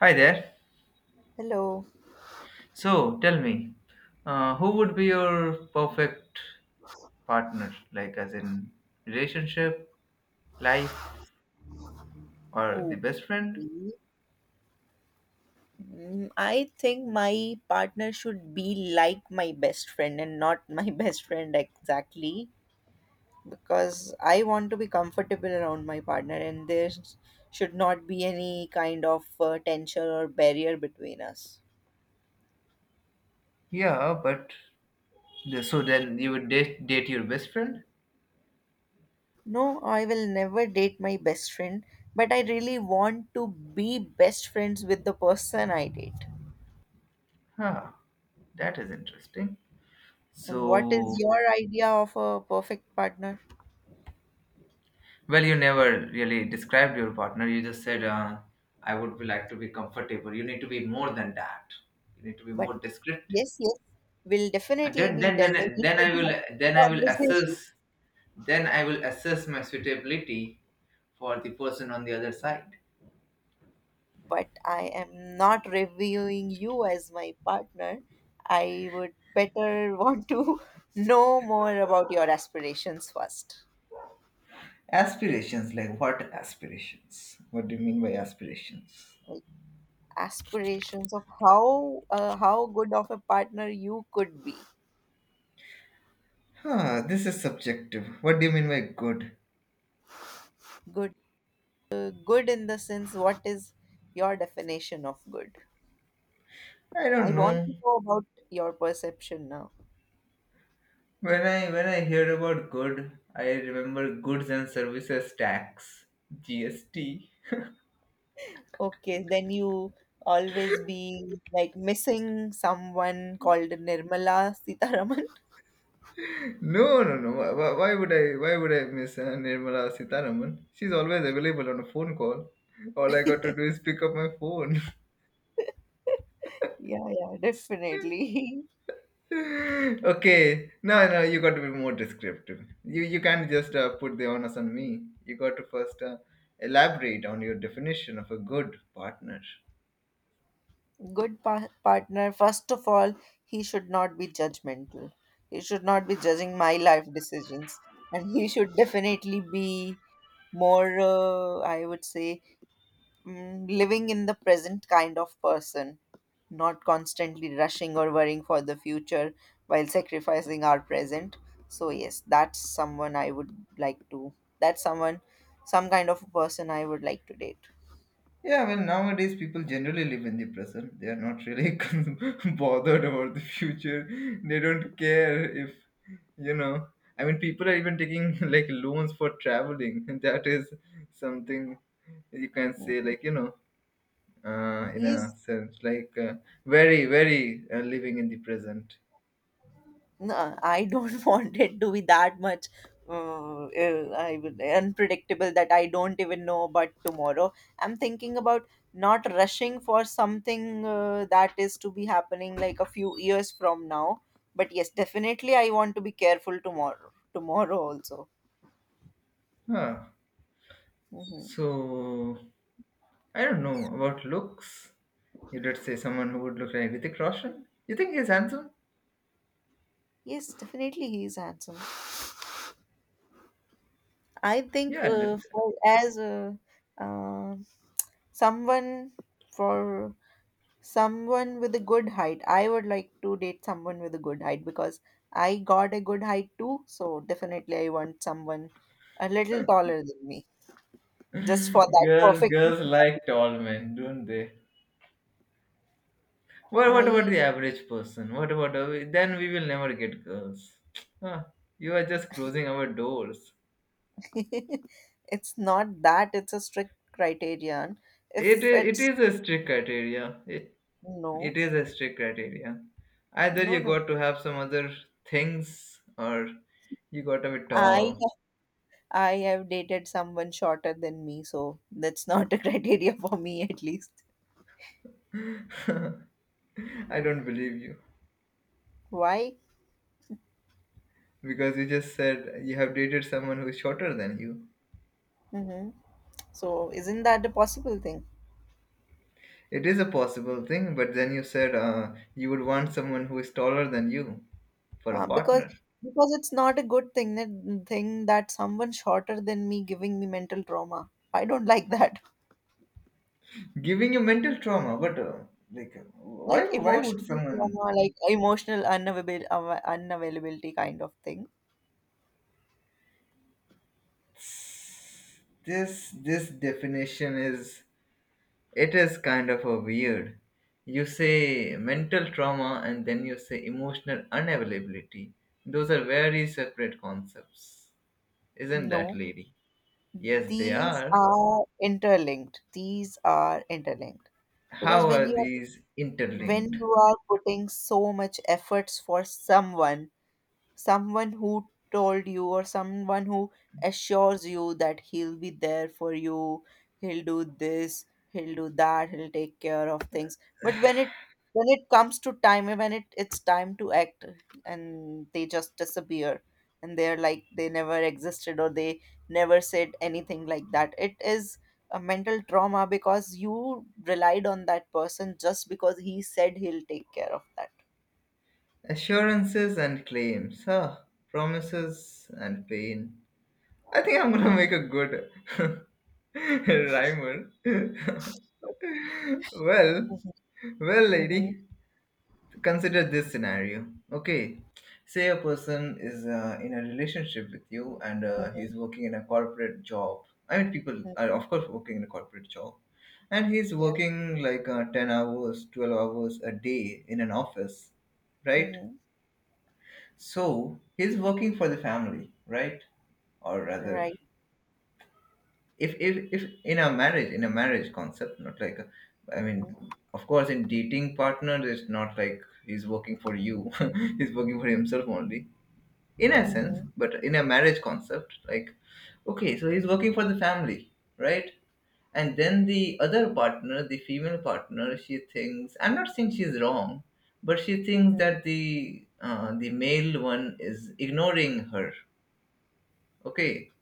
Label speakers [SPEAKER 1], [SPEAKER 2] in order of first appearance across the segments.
[SPEAKER 1] Hi there.
[SPEAKER 2] Hello.
[SPEAKER 1] So tell me, who would be your perfect partner? Like, as in relationship, life, or the best friend?
[SPEAKER 2] Okay. I think my partner should be like my best friend and not my best friend exactly because I want to be comfortable around my partner and there should not be any kind of tension or barrier between us.
[SPEAKER 1] Yeah, but so then you would date your best friend?
[SPEAKER 2] No, I will never date my best friend, but I really want to be best friends with the person I date.
[SPEAKER 1] Huh, that is interesting.
[SPEAKER 2] And what is
[SPEAKER 1] So,
[SPEAKER 2] your idea of a perfect partner?
[SPEAKER 1] well, you never really described your partner. You just said, I would be like to be comfortable. You need to be more than that. You need to be
[SPEAKER 2] But
[SPEAKER 1] more descriptive.
[SPEAKER 2] yes, yes, we'll
[SPEAKER 1] And
[SPEAKER 2] definitely be delving into that
[SPEAKER 1] then I will
[SPEAKER 2] conversation.
[SPEAKER 1] assess Then I will assess my suitability for the person on the other side.
[SPEAKER 2] But I am not reviewing you as my partner. I would better want to know more about your aspirations first.
[SPEAKER 1] Aspirations, like what aspirations? What do you mean by aspirations?
[SPEAKER 2] Aspirations of how good of a partner you could be.
[SPEAKER 1] Huh, this is subjective. What do you mean by good?
[SPEAKER 2] Good, good, in the sense, what is your definition of good?
[SPEAKER 1] I
[SPEAKER 2] I
[SPEAKER 1] don't
[SPEAKER 2] want
[SPEAKER 1] know.
[SPEAKER 2] to know about your perception now.
[SPEAKER 1] When I hear about good, I remember goods and services tax, GST.
[SPEAKER 2] Okay, then you always be like missing someone called Nirmala Sitaraman.
[SPEAKER 1] No, no, no. Why would I? Why would I miss Nirmala Sitaraman? She's always available on a phone call. All I got to do is pick up my phone.
[SPEAKER 2] Yeah, yeah, definitely.
[SPEAKER 1] Okay, no, you got to be more descriptive. You can't just put the onus on me. You got to first elaborate on your definition of a good partner.
[SPEAKER 2] Good pa partner, first of all, he should not be judgmental. He should not be judging my life decisions. And he should definitely be more, I would say, living in the present kind of person, not constantly rushing or worrying for the future while sacrificing our present. So, yes, that's someone, some kind of a person I would like to date.
[SPEAKER 1] Yeah, well, nowadays people generally live in the present. They are not really bothered about the future. They don't care if you know people are even taking like loans for traveling. That is something you can say like, in
[SPEAKER 2] He's.
[SPEAKER 1] a sense, like, very, very living in the present.
[SPEAKER 2] No, I don't want it to be that much unpredictable that I don't even know about tomorrow. I'm thinking about not rushing for something that is to be happening like a few years from now. But yes, definitely I want to be careful tomorrow. Tomorrow also.
[SPEAKER 1] Ah,
[SPEAKER 2] Hmm.
[SPEAKER 1] so I don't know about looks. You did say someone who would look like Hrithik Roshan. You think he's handsome?
[SPEAKER 2] Yes, definitely he is handsome. I think
[SPEAKER 1] Yeah,
[SPEAKER 2] for as uh, someone for someone with a good height. I would like to date someone with a good height because I got a good height too. So definitely I want someone a little taller than me. Just for that
[SPEAKER 1] girls,
[SPEAKER 2] perfect.
[SPEAKER 1] girls like tall men, don't they? What
[SPEAKER 2] I
[SPEAKER 1] about the average person? What about then? We will never get girls. Ah, you are just closing our doors.
[SPEAKER 2] It's not that it's a strict criterion.
[SPEAKER 1] It
[SPEAKER 2] If
[SPEAKER 1] i- it
[SPEAKER 2] it's
[SPEAKER 1] is a strict criteria. It
[SPEAKER 2] No,
[SPEAKER 1] It is a strict criteria. Either
[SPEAKER 2] no,
[SPEAKER 1] you
[SPEAKER 2] no.
[SPEAKER 1] got to have some other things or you got to be
[SPEAKER 2] I
[SPEAKER 1] tall.
[SPEAKER 2] I have dated someone shorter than me, so that's not a criteria for me at least.
[SPEAKER 1] I don't believe you
[SPEAKER 2] Why?
[SPEAKER 1] because you just said you have dated someone who is shorter than you.
[SPEAKER 2] Mm-hmm. So isn't that a possible thing?
[SPEAKER 1] It is a possible thing, but then you said you would want someone who is taller than you for a
[SPEAKER 2] Uh,
[SPEAKER 1] partner,
[SPEAKER 2] because because it's not a good thing that someone shorter than me giving me mental trauma. I don't like that.
[SPEAKER 1] giving you mental trauma. But
[SPEAKER 2] Like
[SPEAKER 1] why would
[SPEAKER 2] emotional
[SPEAKER 1] someone?
[SPEAKER 2] trauma, like emotional unavailability kind of thing.
[SPEAKER 1] This definition is It is kind of a weird. You say mental trauma and then you say emotional unavailability. Those are very separate concepts. Isn't that,
[SPEAKER 2] No,
[SPEAKER 1] lady? Yes, they
[SPEAKER 2] these
[SPEAKER 1] are.
[SPEAKER 2] are interlinked. These are interlinked because
[SPEAKER 1] How
[SPEAKER 2] when
[SPEAKER 1] are
[SPEAKER 2] you are
[SPEAKER 1] these
[SPEAKER 2] when
[SPEAKER 1] interlinked?
[SPEAKER 2] you are putting so much efforts for someone who told you or someone who assures you that he'll be there for you, he'll do this, he'll do that, he'll take care of things. But when it comes to time, when it's time to act, and they just disappear, and they're like they never existed or they never said anything like that. It is a mental trauma because you relied on that person just because he said he'll take care of that.
[SPEAKER 1] Assurances and claims, huh? Promises and pain. I think I'm gonna make a good rhymer. Well,
[SPEAKER 2] Mhm,
[SPEAKER 1] well,
[SPEAKER 2] mhm,
[SPEAKER 1] lady, consider this scenario. Okay, say a person is in a relationship with you, and
[SPEAKER 2] mhm,
[SPEAKER 1] he's working in a corporate job. I mean, people are of course working in a corporate job, and he's
[SPEAKER 2] mhm.
[SPEAKER 1] working like, 10 hours, 12 hours a day in an office, right?
[SPEAKER 2] Mhm.
[SPEAKER 1] So he's working for the family, right? Or rather,
[SPEAKER 2] Right.
[SPEAKER 1] if in a marriage, in a marriage concept, not like i mean of course in dating partner it's not like he's working for you. He's working for himself only, in a sense.
[SPEAKER 2] Mhm.
[SPEAKER 1] But in a marriage concept, like, okay, so he's working for the family, right? And then the other partner, the female partner, she thinks, I'm not saying she's wrong, but she thinks
[SPEAKER 2] Mhm.
[SPEAKER 1] that the male one is ignoring her. Okay,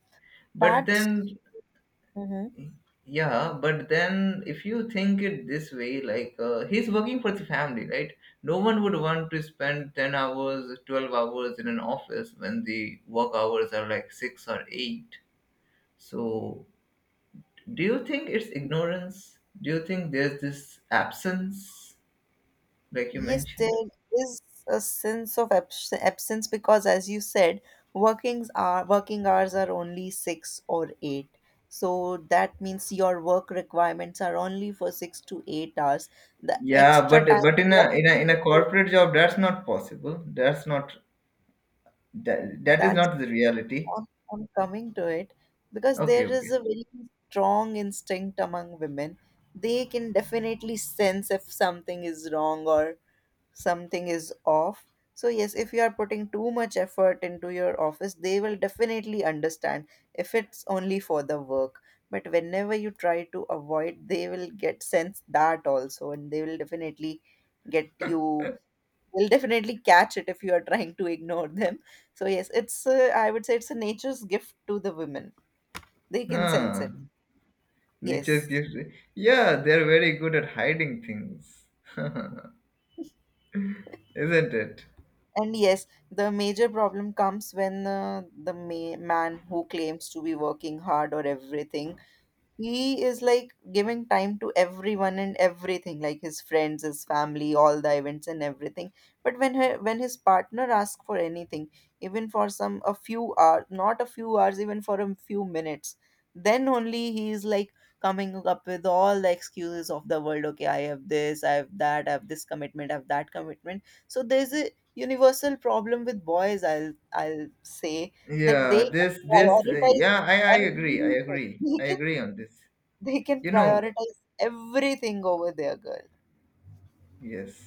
[SPEAKER 1] but
[SPEAKER 2] That's
[SPEAKER 1] then
[SPEAKER 2] mhm.
[SPEAKER 1] Yeah, but then if you think it this way, like, he's working for the family, right? No one would want to spend 10 hours, 12 hours in an office when the work hours are like 6 or 8. So, do you think it's ignorance? Do you think there's this absence, like you
[SPEAKER 2] Yes, there
[SPEAKER 1] mentioned?
[SPEAKER 2] is a sense of absence because, as you said, working hours are only six or eight. So that means your work requirements are only for 6 to 8 hours. The
[SPEAKER 1] Yeah,
[SPEAKER 2] extra time
[SPEAKER 1] but in
[SPEAKER 2] you
[SPEAKER 1] a in a in a
[SPEAKER 2] are-
[SPEAKER 1] corporate job, that's not possible. That's not that that is
[SPEAKER 2] that's
[SPEAKER 1] not the reality.
[SPEAKER 2] I'm, I'm coming to it because
[SPEAKER 1] Okay,
[SPEAKER 2] there
[SPEAKER 1] okay.
[SPEAKER 2] is a very strong instinct among women. They can definitely sense if something is wrong or something is off. So, yes, if you are putting too much effort into your office, they will definitely understand if it's only for the work. But whenever you try to avoid, they will get sense that also, and they will definitely get you. They'll definitely catch it if you are trying to ignore them. So yes, it's I would say it's a nature's gift to the women. They can sense
[SPEAKER 1] Huh.
[SPEAKER 2] it.
[SPEAKER 1] Nature's
[SPEAKER 2] Yes.
[SPEAKER 1] gift. Yeah, they're very good at hiding things, isn't it?
[SPEAKER 2] And yes, the major problem comes when the man who claims to be working hard or everything, he is like giving time to everyone and everything like his friends, his family, all the events and everything. But when his partner asks for anything, even for some a few hours, not a few hours, even for a few minutes, then only he is like coming up with all the excuses of the world. Okay, I have this, I have that, I have this commitment, I have that commitment. So there's a universal problem with boys, I'll say that they
[SPEAKER 1] Yeah, this, this, uh,
[SPEAKER 2] prioritize
[SPEAKER 1] yeah, I, I agree. I agree. I
[SPEAKER 2] everything.
[SPEAKER 1] agree on this.
[SPEAKER 2] They can
[SPEAKER 1] You know,
[SPEAKER 2] prioritize everything over their girl.
[SPEAKER 1] yes,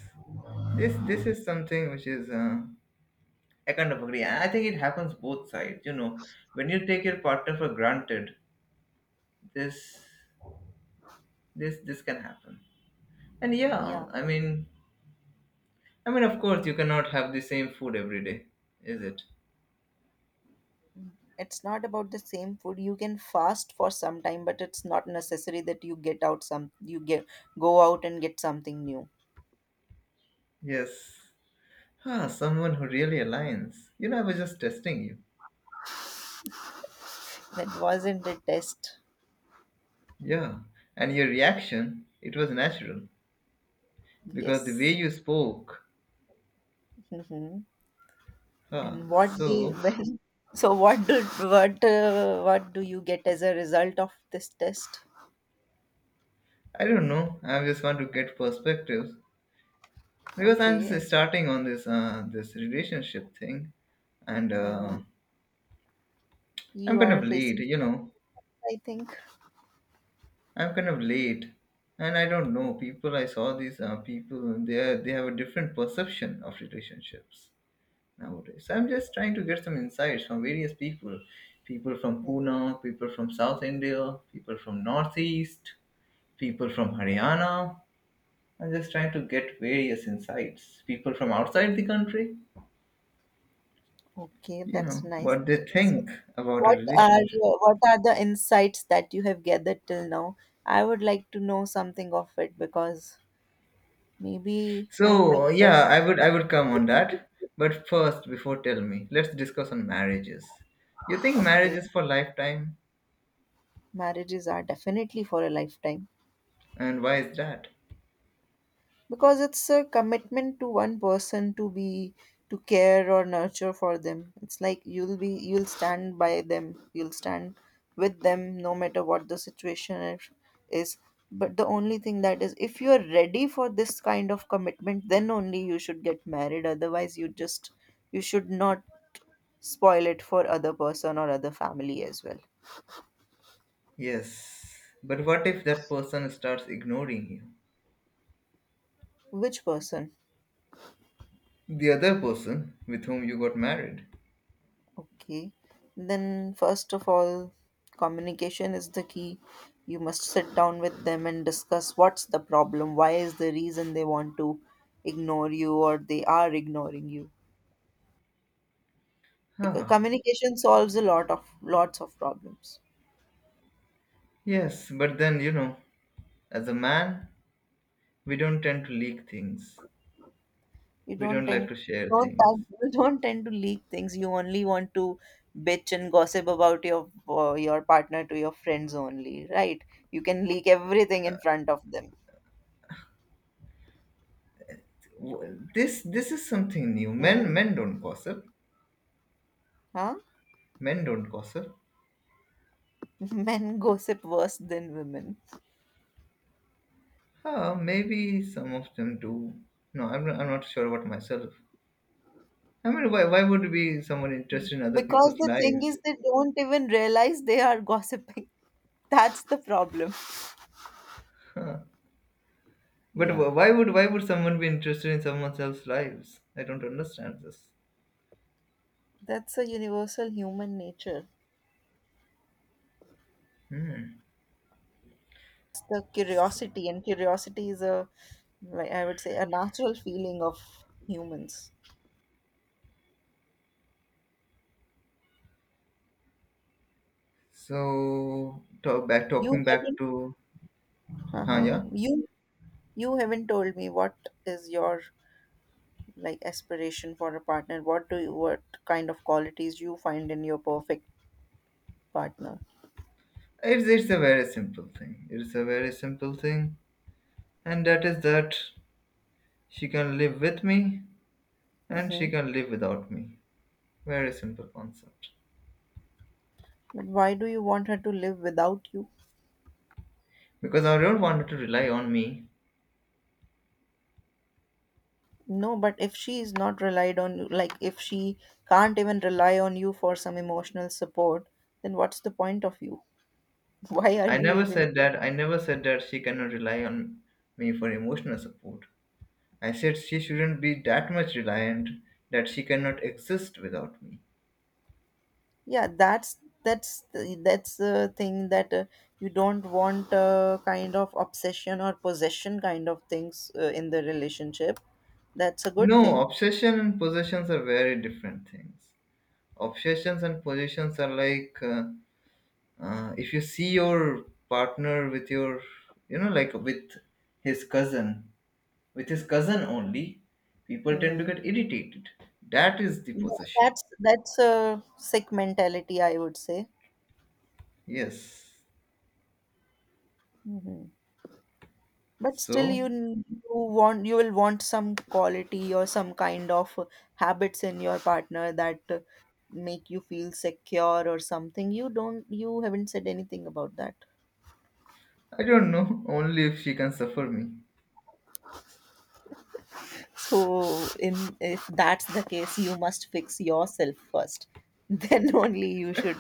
[SPEAKER 1] this is something which is, I kind of agree. I think it happens both sides. You know, when you take your partner for granted, this, this can happen. And yeah,
[SPEAKER 2] Yeah,
[SPEAKER 1] I mean, of course, you cannot have the same food every day, is it?
[SPEAKER 2] it's not about the same food. You can fast for some time, but it's not necessary that you get out some you get go out and get something new.
[SPEAKER 1] Yes. Ah, someone who really aligns. You know, I was just testing you.
[SPEAKER 2] That wasn't the test.
[SPEAKER 1] Yeah. And your reaction, it was natural. Because the way
[SPEAKER 2] Yes.
[SPEAKER 1] you spoke.
[SPEAKER 2] Hmm.
[SPEAKER 1] Ah,
[SPEAKER 2] And what the
[SPEAKER 1] so,
[SPEAKER 2] well, so what do you get as a result of this test?
[SPEAKER 1] I don't know. I just want to get perspectives. Because I'm
[SPEAKER 2] Okay, and
[SPEAKER 1] just starting on this, this relationship thing. And
[SPEAKER 2] mhm. You
[SPEAKER 1] I'm kind
[SPEAKER 2] are
[SPEAKER 1] of late,
[SPEAKER 2] facing,
[SPEAKER 1] you know.
[SPEAKER 2] I think.
[SPEAKER 1] I'm kind of late. And I don't know. People, I saw these people, they, are, they have a different perception of relationships nowadays. I'm just trying to get some insights from various people, people from
[SPEAKER 2] Mhm.
[SPEAKER 1] Pune, people from South India, people from Northeast, people from Haryana. I'm just trying to get various insights. People from outside the country,
[SPEAKER 2] Okay,
[SPEAKER 1] you
[SPEAKER 2] that's
[SPEAKER 1] know,
[SPEAKER 2] nice.
[SPEAKER 1] what they think about a
[SPEAKER 2] What are
[SPEAKER 1] relationship.
[SPEAKER 2] your, what are the insights that you have gathered till now? I would like to know something of it because maybe I
[SPEAKER 1] So
[SPEAKER 2] might get.
[SPEAKER 1] yeah, I would come on that. But first, before tell me, let's discuss on marriages. You think marriage
[SPEAKER 2] Okay.
[SPEAKER 1] is for lifetime,
[SPEAKER 2] Marriages are definitely for a lifetime.
[SPEAKER 1] and why is that?
[SPEAKER 2] Because it's a commitment to one person, to care or nurture for them. It's like you'll be you'll stand by them, you'll stand with them no matter what the situation is. But the only thing that is if you're ready for this kind of commitment, then only you should get married. Otherwise you should not spoil it for other person or other family as well.
[SPEAKER 1] Yes, but what if that person starts ignoring you?
[SPEAKER 2] Which person?
[SPEAKER 1] The other person with whom you got married.
[SPEAKER 2] Okay. Then, first of all, communication is the key. You must sit down with them and discuss what's the problem, why is the reason they want to ignore you or they are ignoring you. Because
[SPEAKER 1] Ah,
[SPEAKER 2] communication solves a lot of lots of problems.
[SPEAKER 1] yes, but then, you know, as a man, we don't tend to leak things.
[SPEAKER 2] You
[SPEAKER 1] We
[SPEAKER 2] don't
[SPEAKER 1] don't
[SPEAKER 2] think
[SPEAKER 1] like to
[SPEAKER 2] you
[SPEAKER 1] share
[SPEAKER 2] don't
[SPEAKER 1] things.
[SPEAKER 2] tend, you don't tend to leak things. You only want to bitch and gossip about your partner to your friends only, right? You can leak everything in front of them.
[SPEAKER 1] This this is something new.
[SPEAKER 2] Mm-hmm.
[SPEAKER 1] Men men don't gossip.
[SPEAKER 2] Huh?
[SPEAKER 1] Men don't gossip.
[SPEAKER 2] Men gossip worse than women.
[SPEAKER 1] Ah, maybe some of them do. No, I'm not sure about myself. I mean, why would be someone interested in other
[SPEAKER 2] Because
[SPEAKER 1] people's
[SPEAKER 2] the thing
[SPEAKER 1] lives?
[SPEAKER 2] is, they don't even realize they are gossiping. That's the problem.
[SPEAKER 1] But
[SPEAKER 2] Yeah,
[SPEAKER 1] why would someone be interested in someone else's lives? I don't understand this.
[SPEAKER 2] that's a universal human nature. It's the curiosity, and curiosity is like I would say, a natural feeling of humans.
[SPEAKER 1] So
[SPEAKER 2] You
[SPEAKER 1] talking back
[SPEAKER 2] haven't,
[SPEAKER 1] to huh,
[SPEAKER 2] Uh-huh.
[SPEAKER 1] yeah,
[SPEAKER 2] You haven't told me what is your like aspiration for a partner. What kind of qualities you find in your perfect partner?
[SPEAKER 1] it's a very simple thing. It's a very simple thing, and that is that she can live with me and she
[SPEAKER 2] Mm-hmm.
[SPEAKER 1] can live without me. Very simple concept.
[SPEAKER 2] But why do you want her to live without you?
[SPEAKER 1] Because I don't want her to rely on me.
[SPEAKER 2] No, but if she is not relied on you, like if she can't even rely on you for some emotional support, then what's the point of you? Why are
[SPEAKER 1] I
[SPEAKER 2] you
[SPEAKER 1] never
[SPEAKER 2] even
[SPEAKER 1] said
[SPEAKER 2] there?
[SPEAKER 1] that. I never said that she cannot rely on me for emotional support. I said she shouldn't be that much reliant that she cannot exist without me.
[SPEAKER 2] Yeah, that's the thing that you don't want a kind of obsession or possession kind of things in the relationship. That's a good
[SPEAKER 1] No,
[SPEAKER 2] thing.
[SPEAKER 1] obsession and possessions are very different things. Obsessions and possessions are like, if you see your partner with your, you know, like with his cousin, with his cousin only, people tend to
[SPEAKER 2] Mm-hmm.
[SPEAKER 1] get irritated. That is the possession.
[SPEAKER 2] That's a sick mentality, I would say.
[SPEAKER 1] Yes,
[SPEAKER 2] Mhm. But still,
[SPEAKER 1] so
[SPEAKER 2] you will want some quality or some kind of habits in your partner that make you feel secure or something. You haven't said anything about that.
[SPEAKER 1] I don't know. Only if she can suffer me.
[SPEAKER 2] So, in if that's the case, you must fix yourself first. Then only you should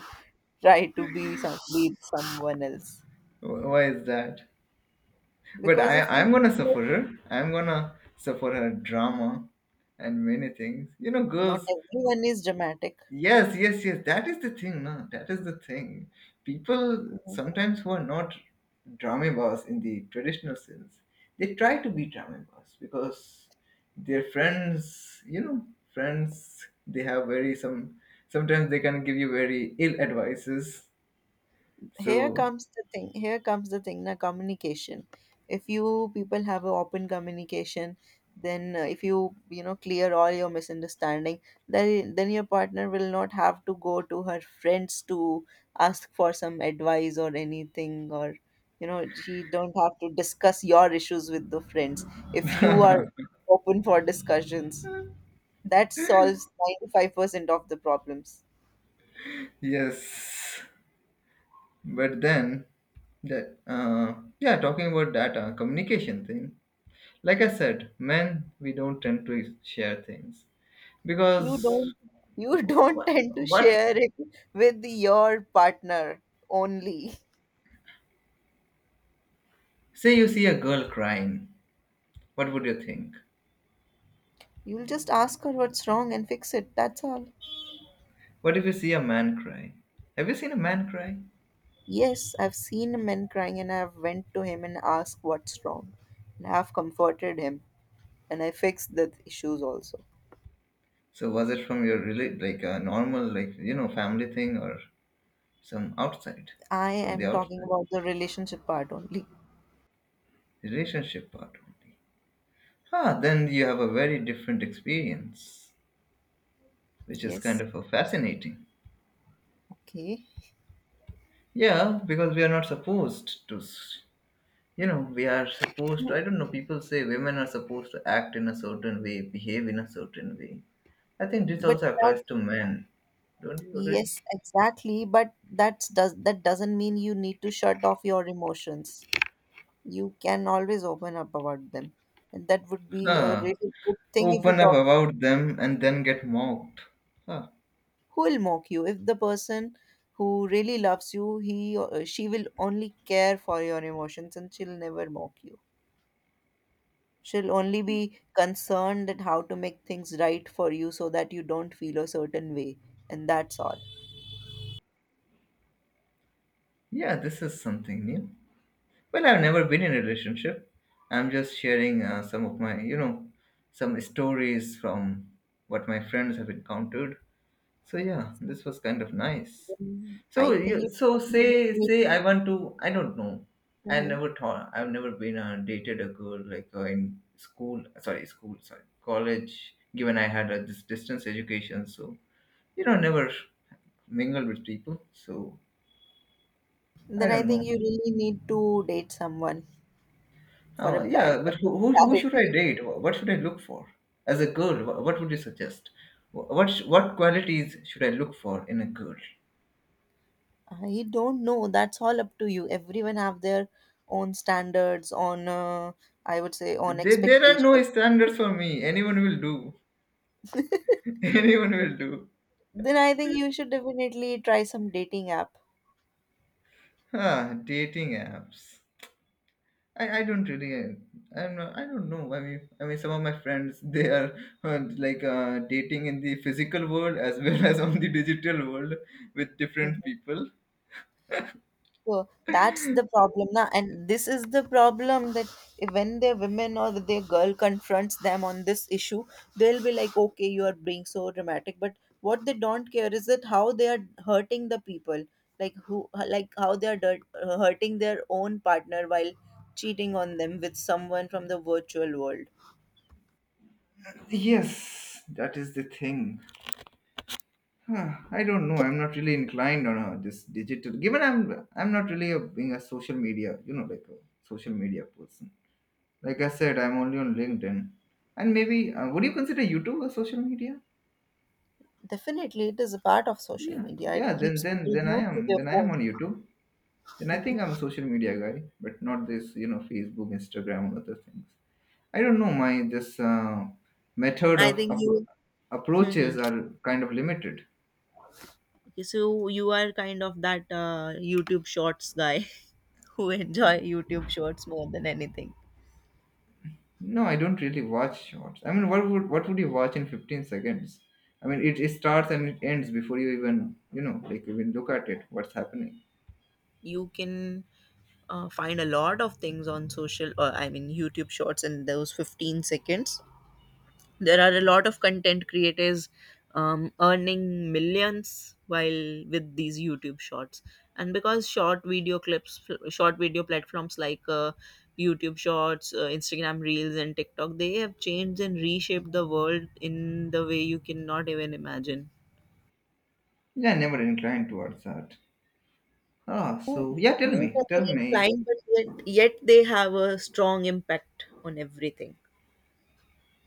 [SPEAKER 2] try to be someone else.
[SPEAKER 1] Why is that? But
[SPEAKER 2] Because
[SPEAKER 1] i
[SPEAKER 2] if you
[SPEAKER 1] i'm gonna suffer her i'm gonna suffer her drama and many things, you know,
[SPEAKER 2] Not
[SPEAKER 1] girls
[SPEAKER 2] everyone is dramatic.
[SPEAKER 1] Yes, yes, yes. That is the thing, no? That is the thing. People sometimes who are not drama boss in the traditional sense, they try to be drama boss because their friends, you know, friends, they have very some. Sometimes they can give you very ill advices.
[SPEAKER 2] here
[SPEAKER 1] So
[SPEAKER 2] comes the thing here comes the thing na communication. If you people have a open communication, then if clear all your misunderstanding, then your partner will not have to go to her friends to ask for some advice or anything, or she don't have to discuss your issues with the friends. If you are open for discussions, that solves 95% of the problems.
[SPEAKER 1] yes, but then that yeah, talking about that communication thing. Like I said, men we don't tend to share things.
[SPEAKER 2] you
[SPEAKER 1] Because
[SPEAKER 2] don't you don't
[SPEAKER 1] what,
[SPEAKER 2] tend to
[SPEAKER 1] what
[SPEAKER 2] share it with your partner only.
[SPEAKER 1] say you see a girl crying, what would you think?
[SPEAKER 2] You'll just ask her what's wrong and fix it, that's all.
[SPEAKER 1] What if you see a man cry? Have you seen a man cry?
[SPEAKER 2] Yes, I've seen men crying and I've went to him and asked what's wrong, and I've comforted him, and I fixed the issues also.
[SPEAKER 1] So was it from your really like a normal like, you know, family thing or some outside
[SPEAKER 2] I
[SPEAKER 1] from the
[SPEAKER 2] am talking
[SPEAKER 1] outside
[SPEAKER 2] about the relationship part only.
[SPEAKER 1] relationship part only? Ah, then you have a very different experience, which is
[SPEAKER 2] Yes.
[SPEAKER 1] kind of a fascinating.
[SPEAKER 2] Okay.
[SPEAKER 1] Yeah, because we are not supposed to, you know, we are supposed to,
[SPEAKER 2] You-
[SPEAKER 1] I don't know, people say women are supposed to act in a certain way, behave in a certain way. I think this
[SPEAKER 2] but
[SPEAKER 1] also
[SPEAKER 2] that
[SPEAKER 1] applies to men. Don't you agree?
[SPEAKER 2] Yes, exactly, but that's does that doesn't mean you need to shut off your emotions. You can always open up about them. And that would be a
[SPEAKER 1] Huh,
[SPEAKER 2] really good thing if you
[SPEAKER 1] open up
[SPEAKER 2] talk.
[SPEAKER 1] about them and then get mocked. Huh,
[SPEAKER 2] Who will mock you? If the person who really loves you, he or she will only care for your emotions and she'll never mock you. She'll only be concerned at how to make things right for you so that you don't feel a certain way. And that's all.
[SPEAKER 1] yeah, this is something new. Well, I've never been in a relationship. I'm just sharing some of my, you know, some stories from what my friends have encountered. So yeah, this was kind of nice.
[SPEAKER 2] Mm,
[SPEAKER 1] So
[SPEAKER 2] I
[SPEAKER 1] you
[SPEAKER 2] think you
[SPEAKER 1] so say
[SPEAKER 2] definitely need,
[SPEAKER 1] say I want to I don't know. I
[SPEAKER 2] mhm,
[SPEAKER 1] never thought I've never been dated a girl like in school sorry college. Given I had this distance education, so you know never mingled with people. So
[SPEAKER 2] then
[SPEAKER 1] I
[SPEAKER 2] I
[SPEAKER 1] don't
[SPEAKER 2] think
[SPEAKER 1] know.
[SPEAKER 2] you really need to date someone for a
[SPEAKER 1] Yeah, but
[SPEAKER 2] better
[SPEAKER 1] who should
[SPEAKER 2] clarity.
[SPEAKER 1] I date? What should I look for as a girl? What would you suggest? What qualities should I look for in a girl?
[SPEAKER 2] I don't know. That's all up to you. Everyone have their own standards on, I would say, on
[SPEAKER 1] There are no
[SPEAKER 2] expectation.
[SPEAKER 1] standards for me. Anyone will do. Anyone will do.
[SPEAKER 2] Then I think you should definitely try some dating app.
[SPEAKER 1] Huh, dating apps. I don't really I don't know. I mean some of my friends they are dating in the physical world as well as on the digital world with different people.
[SPEAKER 2] So that's the problem now, and this is the problem that when their women or their girl confronts them on this issue, they'll be like, "Okay, you are being so dramatic." But what they don't care is that how they are hurting the people, like who, like how they are dirt, hurting their own partner while cheating on them with someone from the virtual world.
[SPEAKER 1] Yes, that is the thing. I don't know. I'm not really inclined on this digital. Given I'm not really a, being a social media, you know, like a social media person. Like I said, I'm only on LinkedIn, and maybe would you consider YouTube a social media?
[SPEAKER 2] Definitely, it is a part of social
[SPEAKER 1] Yeah,
[SPEAKER 2] media. It
[SPEAKER 1] yeah. Then
[SPEAKER 2] keeps
[SPEAKER 1] then
[SPEAKER 2] people
[SPEAKER 1] then I
[SPEAKER 2] glued to
[SPEAKER 1] am
[SPEAKER 2] their
[SPEAKER 1] then I am
[SPEAKER 2] phones.
[SPEAKER 1] on YouTube. Then I think I'm a social media guy, but not this Facebook, Instagram, and other things. I don't know. My this method
[SPEAKER 2] I
[SPEAKER 1] of
[SPEAKER 2] think you.
[SPEAKER 1] approaches are kind of limited.
[SPEAKER 2] Okay, so you are kind of that YouTube Shorts guy who enjoy YouTube Shorts more than anything.
[SPEAKER 1] No, I don't really watch shorts. I mean, what would you watch in 15 seconds? I mean, it starts and it ends before you even even look at it. What's happening?
[SPEAKER 2] You can find a lot of things on I mean YouTube Shorts in those 15 seconds. There are a lot of content creators earning millions while with these YouTube Shorts, and because short video platforms like YouTube Shorts, Instagram Reels and TikTok, they have changed and reshaped the world in the way you cannot even imagine.
[SPEAKER 1] Yeah, never inclined towards that. Ah, so yeah, tell
[SPEAKER 2] Youth
[SPEAKER 1] me,
[SPEAKER 2] are
[SPEAKER 1] tell me.
[SPEAKER 2] inclined, but yet they have a strong impact on everything.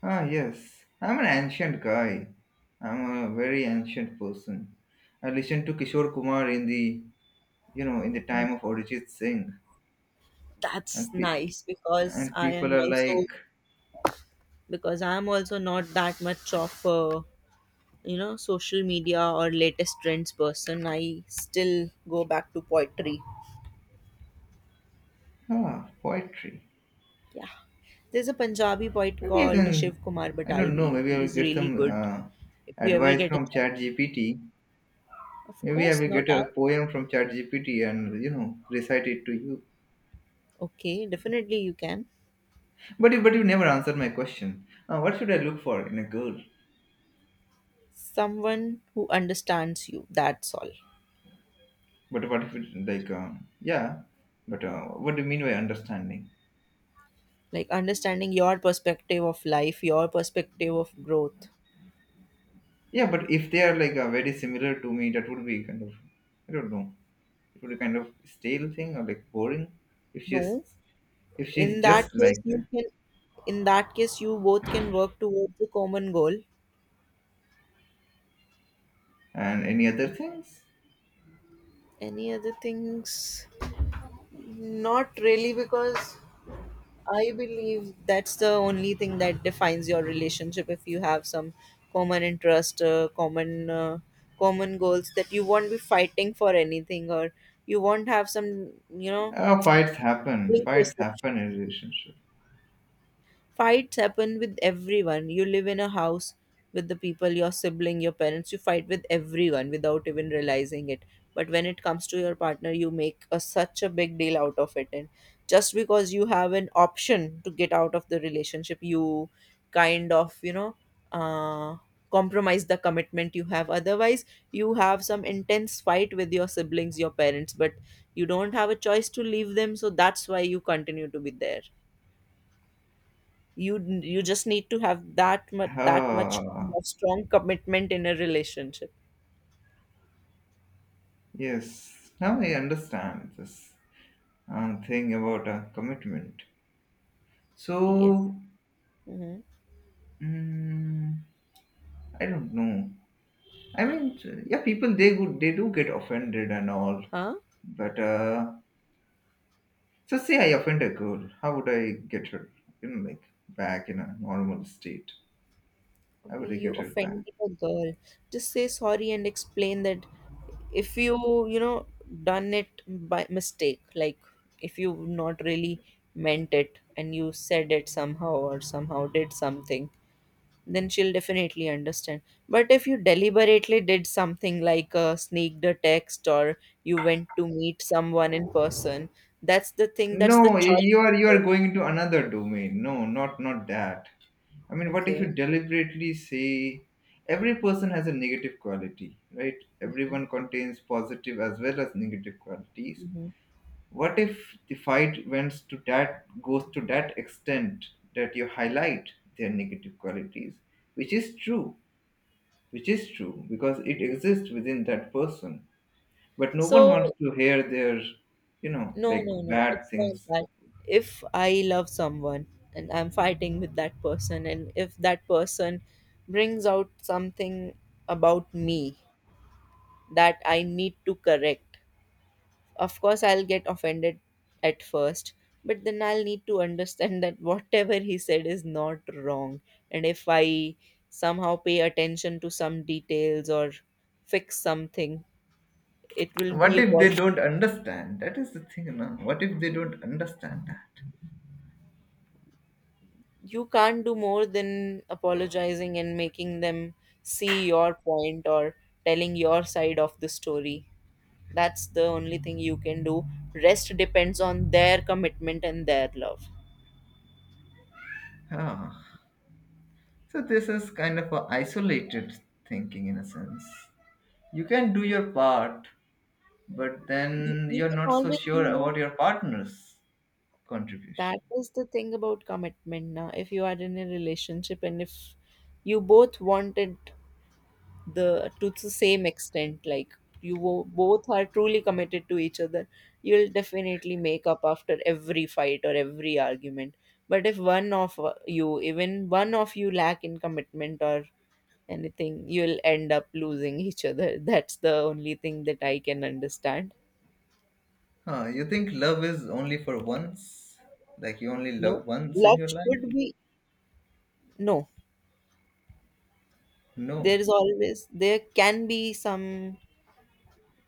[SPEAKER 1] Ah, yes, I'm an ancient guy. I'm a very ancient person. I listened to Kishore Kumar in the, you know, in the time of Arijit Singh,
[SPEAKER 2] That's
[SPEAKER 1] and
[SPEAKER 2] nice, because
[SPEAKER 1] and
[SPEAKER 2] I am
[SPEAKER 1] people are
[SPEAKER 2] also
[SPEAKER 1] like,
[SPEAKER 2] because I'm also not that much of a, you know, social media or latest trends person. I still go back to poetry.
[SPEAKER 1] ah, poetry.
[SPEAKER 2] Yeah, there's a Punjabi poet
[SPEAKER 1] Maybe I
[SPEAKER 2] called Shiv
[SPEAKER 1] can,
[SPEAKER 2] Kumar
[SPEAKER 1] I don't
[SPEAKER 2] Batalvi,
[SPEAKER 1] know. Maybe I will
[SPEAKER 2] he's
[SPEAKER 1] get
[SPEAKER 2] really
[SPEAKER 1] some
[SPEAKER 2] good. If you ever
[SPEAKER 1] advice
[SPEAKER 2] get a
[SPEAKER 1] from
[SPEAKER 2] chance,
[SPEAKER 1] ChatGPT.
[SPEAKER 2] of
[SPEAKER 1] Maybe I
[SPEAKER 2] course
[SPEAKER 1] will
[SPEAKER 2] not
[SPEAKER 1] get a
[SPEAKER 2] all.
[SPEAKER 1] poem from ChatGPT and recite it to you.
[SPEAKER 2] Okay, definitely you can.
[SPEAKER 1] But you never answered my question. What should I look for in a girl?
[SPEAKER 2] Someone who understands you, that's all.
[SPEAKER 1] But what if it like yeah? But what do you mean by understanding?
[SPEAKER 2] Like understanding your perspective of life, your perspective of growth.
[SPEAKER 1] Yeah, but if they are like very similar to me, that would be kind of I don't know. It would be kind of stale thing or like boring. If she's
[SPEAKER 2] No,
[SPEAKER 1] if she's
[SPEAKER 2] in that
[SPEAKER 1] just
[SPEAKER 2] case
[SPEAKER 1] like
[SPEAKER 2] you
[SPEAKER 1] that.
[SPEAKER 2] can in that case you both can work towards the common goal.
[SPEAKER 1] And any other things,
[SPEAKER 2] Any other things? Not really, because I believe that's the only thing that defines your relationship. If you have some common interest, common common goals, that you won't be fighting for anything, or you won't have some, you know,
[SPEAKER 1] fights happen.
[SPEAKER 2] link
[SPEAKER 1] Fights
[SPEAKER 2] perception.
[SPEAKER 1] happen in relationship.
[SPEAKER 2] Fights happen with everyone. You live in a house with the people, your sibling, your parents, you fight with everyone without even realizing it. But when it comes to your partner, you make a, such a big deal out of it. And just because you have an option to get out of the relationship, you kind of, you know, uh, compromise the commitment you have. Otherwise, you have some intense fight with your siblings, your parents, but you don't have a choice to leave them. So that's why you continue to be there. You just need to have that much kind
[SPEAKER 1] Ah,
[SPEAKER 2] of strong commitment in a relationship.
[SPEAKER 1] yes. Now I understand this thing about commitment.
[SPEAKER 2] Yes.
[SPEAKER 1] So,
[SPEAKER 2] Mm-hmm.
[SPEAKER 1] mm, I don't know. I mean, yeah, people they do get offended and all,
[SPEAKER 2] Huh.
[SPEAKER 1] but so say I offend a girl, how would I get her, you know, like back in a normal state? How
[SPEAKER 2] Okay,
[SPEAKER 1] would I
[SPEAKER 2] you
[SPEAKER 1] get her back?
[SPEAKER 2] offended a girl. Just say sorry and explain that if you, you know, done it by mistake, like if you not really meant it and you said it somehow or somehow did something, then she'll definitely understand. But if you deliberately did something like, sneaked a text or you went to meet someone in person, that's the thing, that's the
[SPEAKER 1] No, you are
[SPEAKER 2] choice.
[SPEAKER 1] going into another domain. No, not not that. I mean, what if you
[SPEAKER 2] Okay.
[SPEAKER 1] deliberately say every person has a negative quality, right?
[SPEAKER 2] Mhm,
[SPEAKER 1] Everyone contains positive as well as negative qualities.
[SPEAKER 2] mhm.
[SPEAKER 1] What if the fight went to that goes to that extent that you highlight their negative qualities, which is true, which is true because it exists within that person. But no one wants
[SPEAKER 2] So,
[SPEAKER 1] to hear their, you know,
[SPEAKER 2] no,
[SPEAKER 1] like
[SPEAKER 2] no, no,
[SPEAKER 1] bad
[SPEAKER 2] it's not
[SPEAKER 1] things.
[SPEAKER 2] that. If I love someone and I'm fighting with that person, and if that person brings out something about me that I need to correct, of course, I'll get offended at first, but then I'll need to understand that whatever he said is not wrong. And if I somehow pay attention to some details or fix something, it will be
[SPEAKER 1] What
[SPEAKER 2] a
[SPEAKER 1] if they
[SPEAKER 2] positive.
[SPEAKER 1] don't understand? That is the thing now. What if they don't understand that?
[SPEAKER 2] You can't do more than apologizing and making them see your point or telling your side of the story. That's the only thing you can do. Rest depends on their commitment and their love.
[SPEAKER 1] Ah, so this is kind of a isolated thinking in a sense. You can do your part, but
[SPEAKER 2] you,
[SPEAKER 1] then
[SPEAKER 2] you
[SPEAKER 1] you're
[SPEAKER 2] can
[SPEAKER 1] not so
[SPEAKER 2] always do
[SPEAKER 1] sure
[SPEAKER 2] your.
[SPEAKER 1] about your partner's contribution.
[SPEAKER 2] That is the thing about commitment now. If you are in a relationship and if you both wanted the to the same extent, like both are truly committed to each other, you'll definitely make up after every fight or every argument. But if one of you, even one of you lack in commitment or anything, you'll end up losing each other. That's the only thing that I can understand.
[SPEAKER 1] Huh, you think love is only for once? Like you only
[SPEAKER 2] No,
[SPEAKER 1] love once in
[SPEAKER 2] love
[SPEAKER 1] your life?
[SPEAKER 2] should be no.
[SPEAKER 1] No.
[SPEAKER 2] There is always, there can be some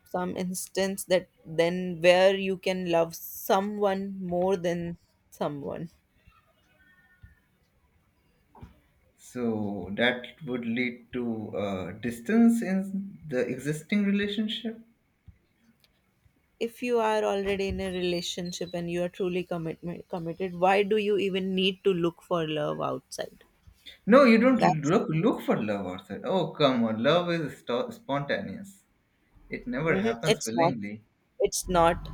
[SPEAKER 2] some instance that then where you can love someone more than someone.
[SPEAKER 1] So that would lead to distance in the existing relationship.
[SPEAKER 2] If you are already in a relationship and you are truly commitment committed, why do you even need to look for love outside?
[SPEAKER 1] No, you don't
[SPEAKER 2] That's,
[SPEAKER 1] look for love outside. Oh, come on, love is spontaneous. It never
[SPEAKER 2] hmm,
[SPEAKER 1] happens
[SPEAKER 2] it's not.
[SPEAKER 1] willingly.
[SPEAKER 2] It's not.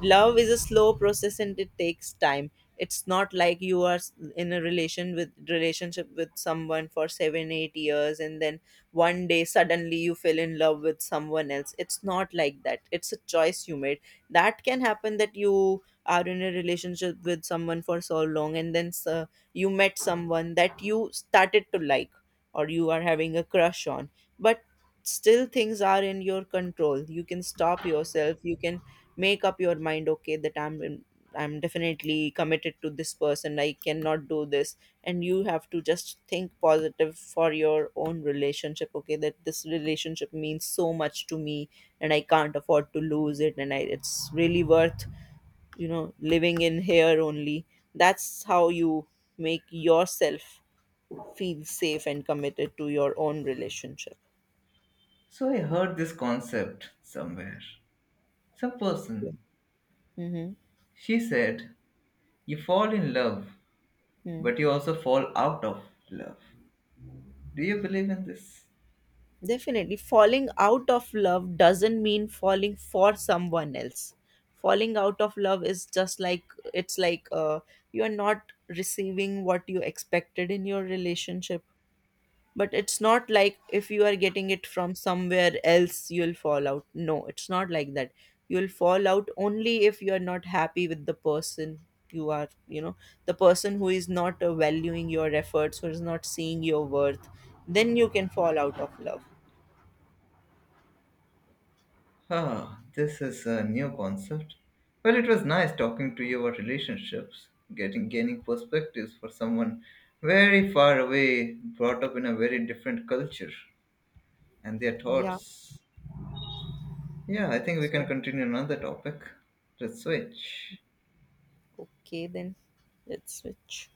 [SPEAKER 2] Love is a slow process and it takes time. It's not like you are in a relationship with someone for 7, 8 years, and then one day suddenly you fell in love with someone else. It's not like that. It's a choice you made. That can happen, that you are in a relationship with someone for so long, and then you met someone that you started to like, or you are having a crush on. But still things are in your control. You can stop yourself, you can make up your mind, okay, that I'm definitely committed to this person, I cannot do this. And you have to just think positive for your own relationship, okay, that this relationship means so much to me and I can't afford to lose it. And I, it's really worth, you know, living in here only. That's how you make yourself feel safe and committed to your own relationship.
[SPEAKER 1] So I heard this concept somewhere. Some person,
[SPEAKER 2] Hmm.
[SPEAKER 1] she said, you fall in love
[SPEAKER 2] Hmm.
[SPEAKER 1] but you also fall out of love. Do you believe in this?
[SPEAKER 2] Definitely. Falling out of love doesn't mean falling for someone else. Falling out of love is just like, it's like, you are not receiving what you expected in your relationship. But it's not like if you are getting it from somewhere else, you'll fall out. No, it's not like that. You'll fall out only if you are not happy with the person you are, you know, the person who is not valuing your efforts, who is not seeing your worth. Then you can fall out of love.
[SPEAKER 1] Ah, this is a new concept. Well, it was nice talking to you about relationships, getting gaining perspectives for someone very far away, brought up in a very different culture and their
[SPEAKER 2] Yeah.
[SPEAKER 1] thoughts. Yeah, I think we can
[SPEAKER 2] So,
[SPEAKER 1] continue another topic. Let's switch.
[SPEAKER 2] okay, then let's switch.